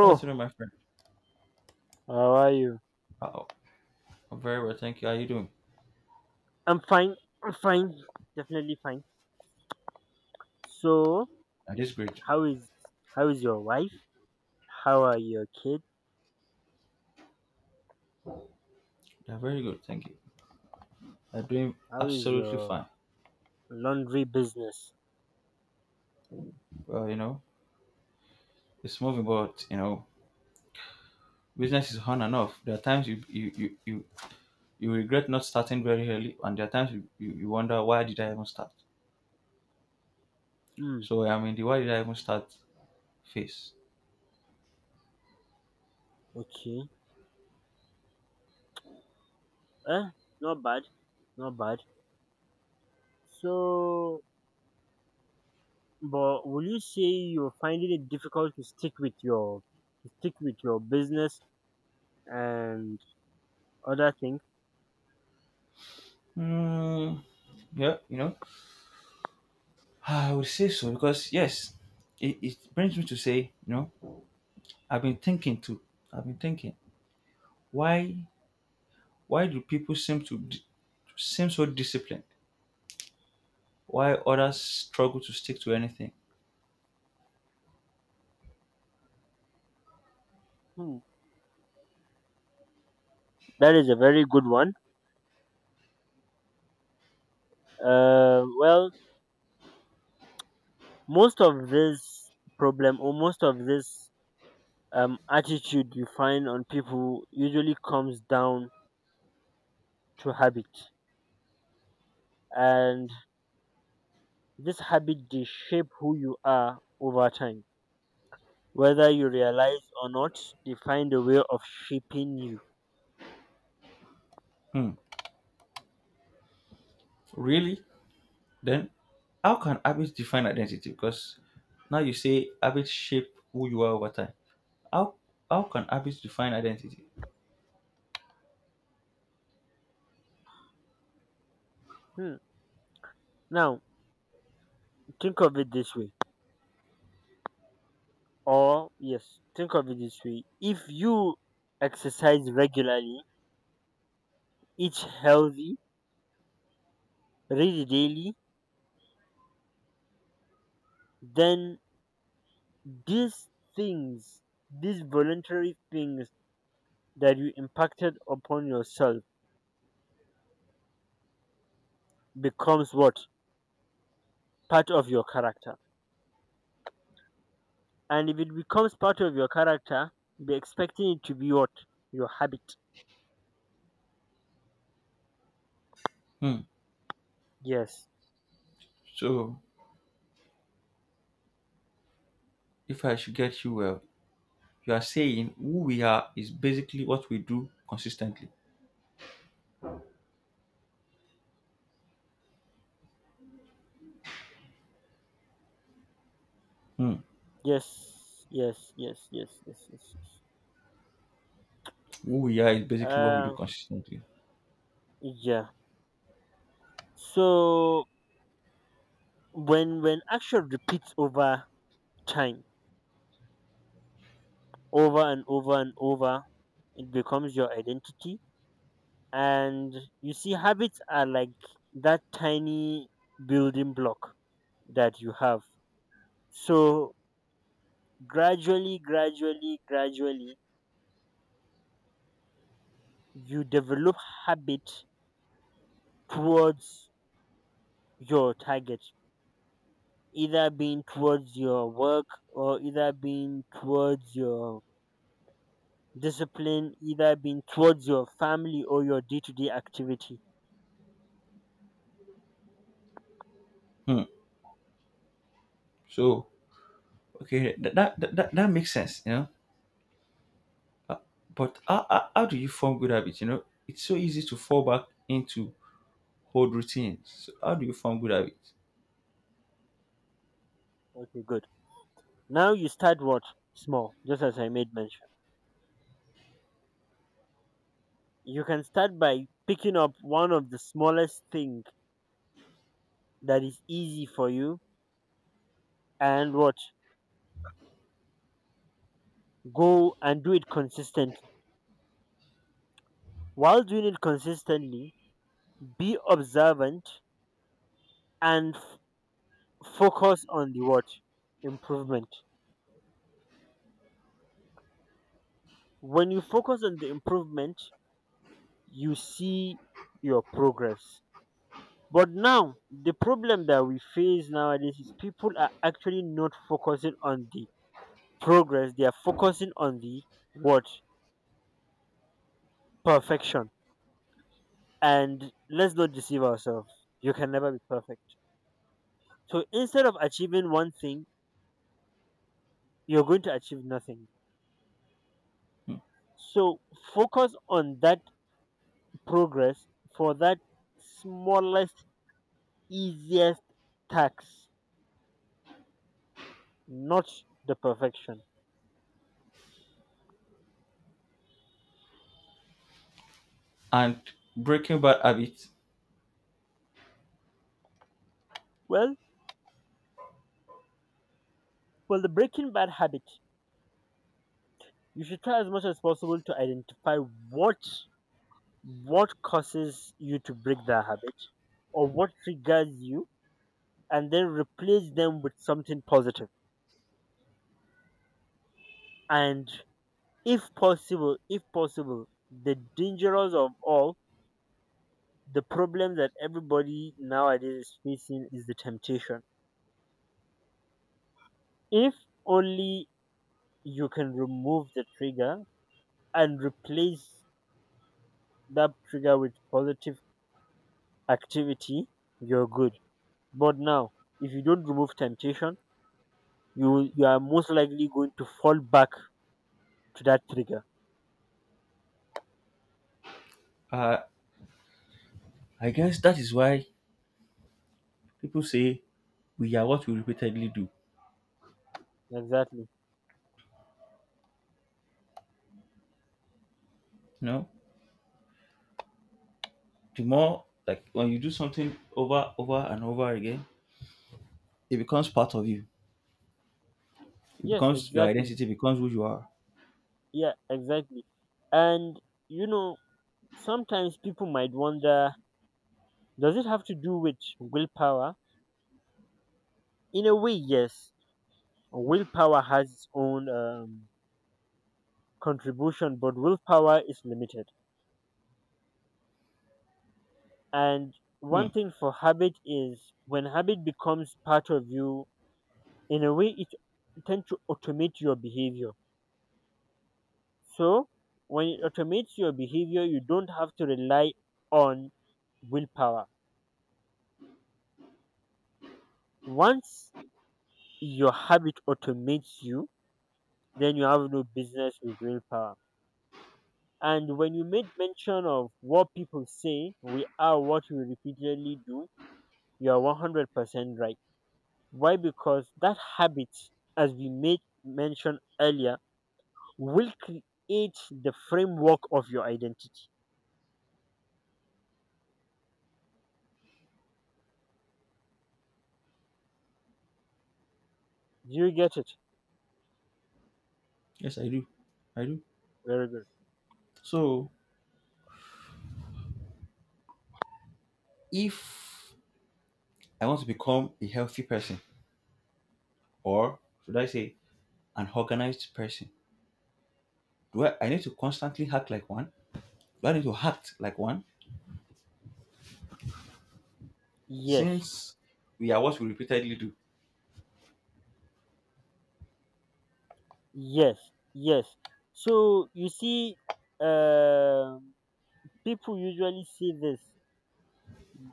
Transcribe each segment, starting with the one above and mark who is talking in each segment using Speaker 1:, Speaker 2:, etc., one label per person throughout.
Speaker 1: Good afternoon, my friend.
Speaker 2: how are you?
Speaker 1: Oh, I'm very well, thank you. How are you doing?
Speaker 2: I'm fine. I'm fine. Definitely fine. So,
Speaker 1: I'm just great.
Speaker 2: how is how is your wife? How are your kids?
Speaker 1: Yeah, very good, thank you. I'm doing
Speaker 2: How is
Speaker 1: absolutely
Speaker 2: your
Speaker 1: fine.
Speaker 2: laundry business?
Speaker 1: Well, you know, it's moving, but you know, business is on and off. There are times you regret not starting very early, and there are times you wonder why did I even start.
Speaker 2: Hmm.
Speaker 1: So I'm in the why did I even start phase.
Speaker 2: Okay. Eh, not bad. Not bad. So, but will you say you're finding it difficult to stick with your to stick with your business and other things?
Speaker 1: Hmm. Yeah, you know, I would say so because yes, it brings me to say, you know, I've been thinking too. I've been thinking why do people seem seem so disciplined while others struggle to stick to anything.
Speaker 2: Hmm. That is a very good one. Well, most of this problem or most of this attitude you find on people usually comes down to habit, and this habit, they shape who you are over time, whether you realize or not. They find a way of shaping you.
Speaker 1: Hmm. Really? Then how can habits define identity? Because now you say habits shape who you are over time. How how can habits define identity?
Speaker 2: Hmm. Now think of it this way, or yes, think of it this way: if you exercise regularly, eat healthy, read daily, then these things, these voluntary things that you impacted upon yourself, becomes what? Part of your character. And if it becomes part of your character, be expecting it to be what? Your habit.
Speaker 1: Hmm.
Speaker 2: Yes.
Speaker 1: So if I should get you well, you are saying who we are is basically what we do consistently. Hmm.
Speaker 2: Yes. Yes. Yes. Yes. Yes. Yes.
Speaker 1: Who we are is
Speaker 2: Yes.
Speaker 1: basically what we do consistently.
Speaker 2: Yeah. So when action repeats over time, over and over and over, it becomes your identity. And you see, habits are like that tiny building block that you have. So gradually, gradually, gradually, you develop habit towards your target, either being towards your work, or either being towards your discipline, either being towards your family or your day to day activity.
Speaker 1: Hmm. So okay, that makes sense, you know. But how do you form good habits? You know, it's so easy to fall back into old routines. So how do you form good habits?
Speaker 2: Okay, good. Now you start what? Small, just as I made mention. You can start by picking up one of the smallest thing that is easy for you, and what, go and do it consistently. While doing it consistently, be observant and focus on the what, improvement. When you focus on the improvement, you see your progress. But now the problem that we face nowadays is people are actually not focusing on the progress. They are focusing on the what, perfection. And let's not deceive ourselves. You can never be perfect. So instead of achieving one thing, you're going to achieve nothing.
Speaker 1: Hmm.
Speaker 2: So focus on that progress for that smallest, easiest tax, not the perfection.
Speaker 1: And breaking bad habits,
Speaker 2: Well, the breaking bad habit. You should try as much as possible to identify what, causes you to break that habit, or what triggers you, and then replace them with something positive. And if possible, the dangerous of all, the problem that everybody nowadays is facing is the temptation. If only you can remove the trigger and replace that trigger with positive activity, you're good. But now, if you don't remove temptation, you are most likely going to fall back to that trigger.
Speaker 1: uh, I guess that is why people say we are what we repeatedly do.
Speaker 2: Exactly.
Speaker 1: You know, the more like when you do something over, over and over again, it becomes part of you. It
Speaker 2: Yes,
Speaker 1: becomes your
Speaker 2: exactly.
Speaker 1: identity. Becomes who you are.
Speaker 2: Yeah, exactly. And you know, sometimes people might wonder, does it have to do with willpower? In a way, yes. Willpower has its own contribution, but willpower is limited. And
Speaker 1: Hmm.
Speaker 2: one thing for habit is when habit becomes part of you, in a way, it tends to automate your behavior. So when it automates your behavior, you don't have to rely on willpower. Once your habit automates you, then you have no business with willpower. And when you made mention of what people say, we are what we repeatedly do, you are 100% right. Why? Because that habit, as we made mention earlier, will create the framework of your identity. Do you get it?
Speaker 1: Yes, I do. I do.
Speaker 2: Very good.
Speaker 1: So if I want to become a healthy person, or should I say an organized person? I need to constantly act like one? Do I need to act like one?
Speaker 2: Yes,
Speaker 1: Since we are what we repeatedly do,
Speaker 2: yes, yes. So you see, um people usually say this,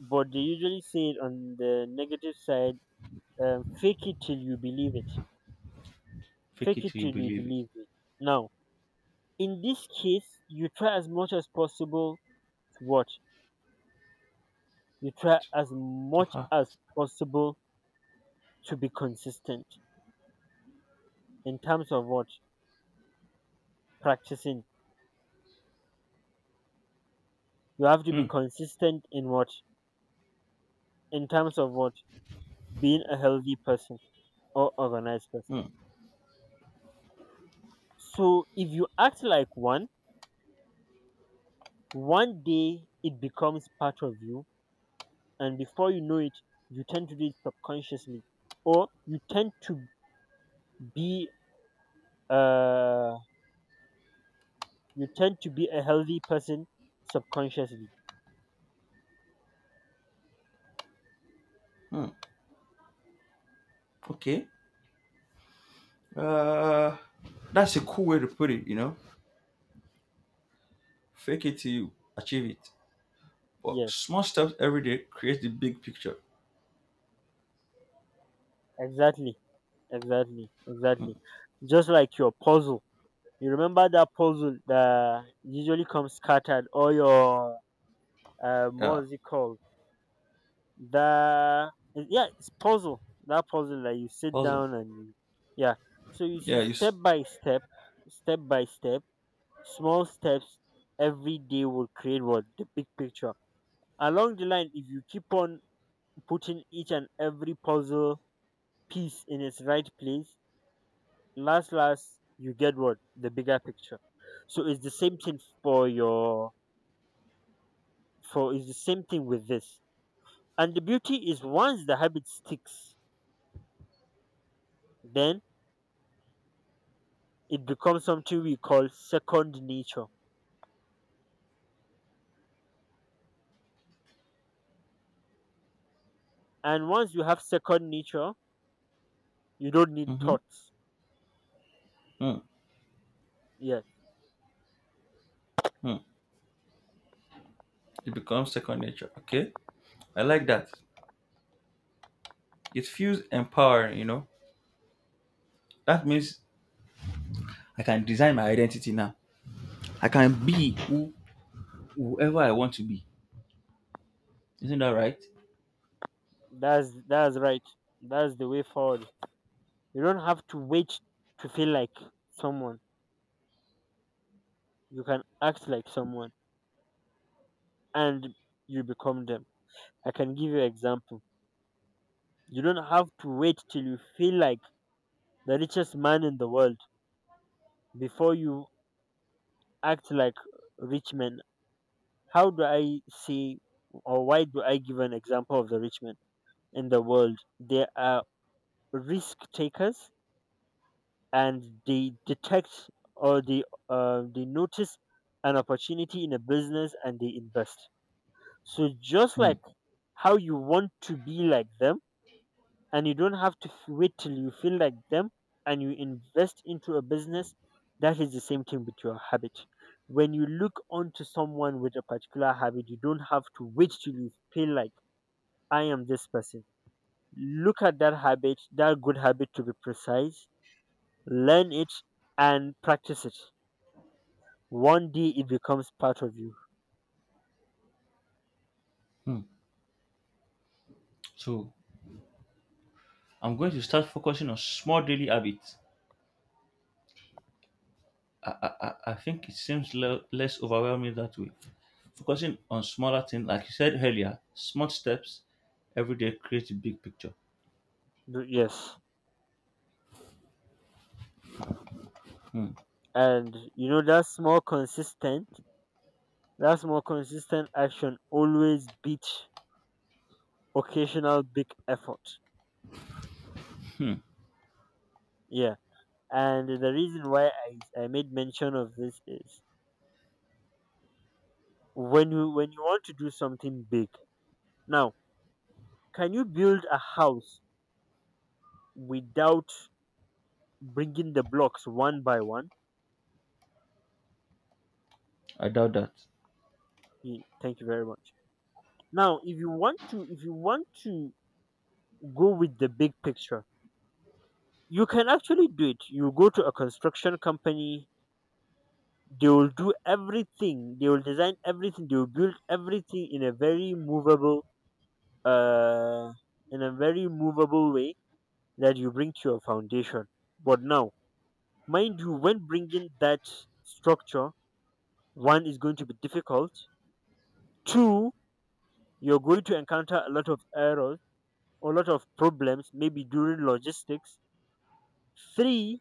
Speaker 2: but they usually say it on the negative side. Fake it till you believe it.
Speaker 1: fake
Speaker 2: Fake
Speaker 1: it
Speaker 2: it
Speaker 1: till you
Speaker 2: till you
Speaker 1: believe it.
Speaker 2: believe it. Now, in this case, you try as much as possible to watch. You try as
Speaker 1: To
Speaker 2: much
Speaker 1: her.
Speaker 2: as possible to be consistent in terms of what, practicing. You have to be
Speaker 1: Hmm.
Speaker 2: consistent in what, in terms of what, being a healthy person or organized person.
Speaker 1: Hmm.
Speaker 2: So if you act like one, one day it becomes part of you, and before you know it, you tend to do it subconsciously, or you tend to be uh you tend to be a healthy person subconsciously.
Speaker 1: Hmm. Okay. Uh, that's a cool way to put it. You know, fake it till you achieve it. But
Speaker 2: Yeah,
Speaker 1: small steps every day create the big picture.
Speaker 2: exactly, exactly, exactly. Just like your puzzle. You remember that puzzle that usually comes scattered, or your
Speaker 1: Yeah.
Speaker 2: what is it called? The, yeah, it's puzzle. That puzzle that you sit
Speaker 1: Puzzle.
Speaker 2: down and you, yeah. So you
Speaker 1: Yeah.
Speaker 2: see, step by step, step by step, small steps every day will create what, the big picture. Along the line, if you keep on putting each and every puzzle piece in its right place, last last you get what, the bigger picture. So it's the same thing for your for it's the same thing with this. And the beauty is once the habit sticks, then it becomes something we call second nature. And once you have second nature, you don't need
Speaker 1: Mhm.
Speaker 2: thoughts.
Speaker 1: Hmm.
Speaker 2: Yes,
Speaker 1: Hmm. It becomes second nature. Okay. I like that. It feels empowering. You know. That means I can design my identity now. I can be who, whoever I want to be. Isn't that right?
Speaker 2: that's right. That's the way forward. You don't have to wait to feel like someone. You can act like someone, and you become them. I can give you an example. You don't have to wait till you feel like the richest man in the world before you act like rich men. How do I say, or why do I give an example of the rich men in the world? They are risk takers, and they detect, or they notice an opportunity in a business and they invest. So, just
Speaker 1: Hmm,
Speaker 2: like how you want to be like them and you don't have to wait till you feel like them and you invest into a business, that is the same thing with your habit. When you look onto someone with a particular habit, you don't have to wait till you feel like I am this person. Look at that habit, that good habit to be precise, learn it, and practice it. One day it becomes part of you.
Speaker 1: hmm. So I'm going to start focusing on small daily habits. I think it seems less overwhelming that way. Focusing on smaller things, like you said earlier, small steps every day create a big picture.
Speaker 2: Yes, and you know that's more consistent, that's more consistent action always beat occasional big effort. Yeah, and the reason why I made mention of this is when you want to do something big. Now, can you build a house without bringing the blocks one by one?
Speaker 1: I doubt that.
Speaker 2: Thank you very much. Now, if you want to, go with the big picture, you can actually do it. You go to a construction company. They will do everything. They will design everything. They will build everything in a very movable, uh, in a very movable way that you bring to your foundation. But now, mind you, when bringing that structure, one is going to be difficult. Two, you're going to encounter a lot of errors, a lot of problems, maybe during logistics. Three,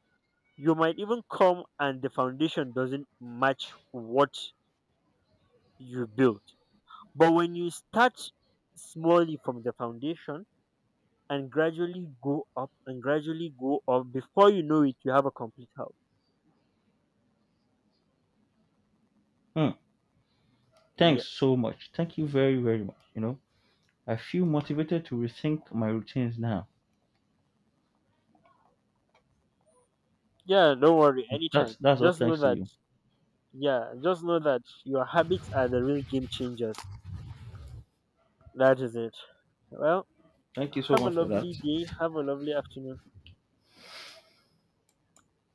Speaker 2: you might even come and the foundation doesn't match what you built. But when you start smallly from the foundation, and gradually go up and gradually go up. Before you know it, you have a complete house.
Speaker 1: Hmm.
Speaker 2: Yeah,
Speaker 1: Thanks so much. Thank you very, very much. You know, I feel motivated to rethink my routines now.
Speaker 2: yeah. Don't worry.
Speaker 1: That's
Speaker 2: Anytime.
Speaker 1: that's all
Speaker 2: Just know
Speaker 1: thanks to
Speaker 2: that.
Speaker 1: you.
Speaker 2: Yeah. Just know that your habits are the real game changers. That is it. Well,
Speaker 1: Thank you so
Speaker 2: have a
Speaker 1: much for that.
Speaker 2: lovely day. Have a lovely afternoon.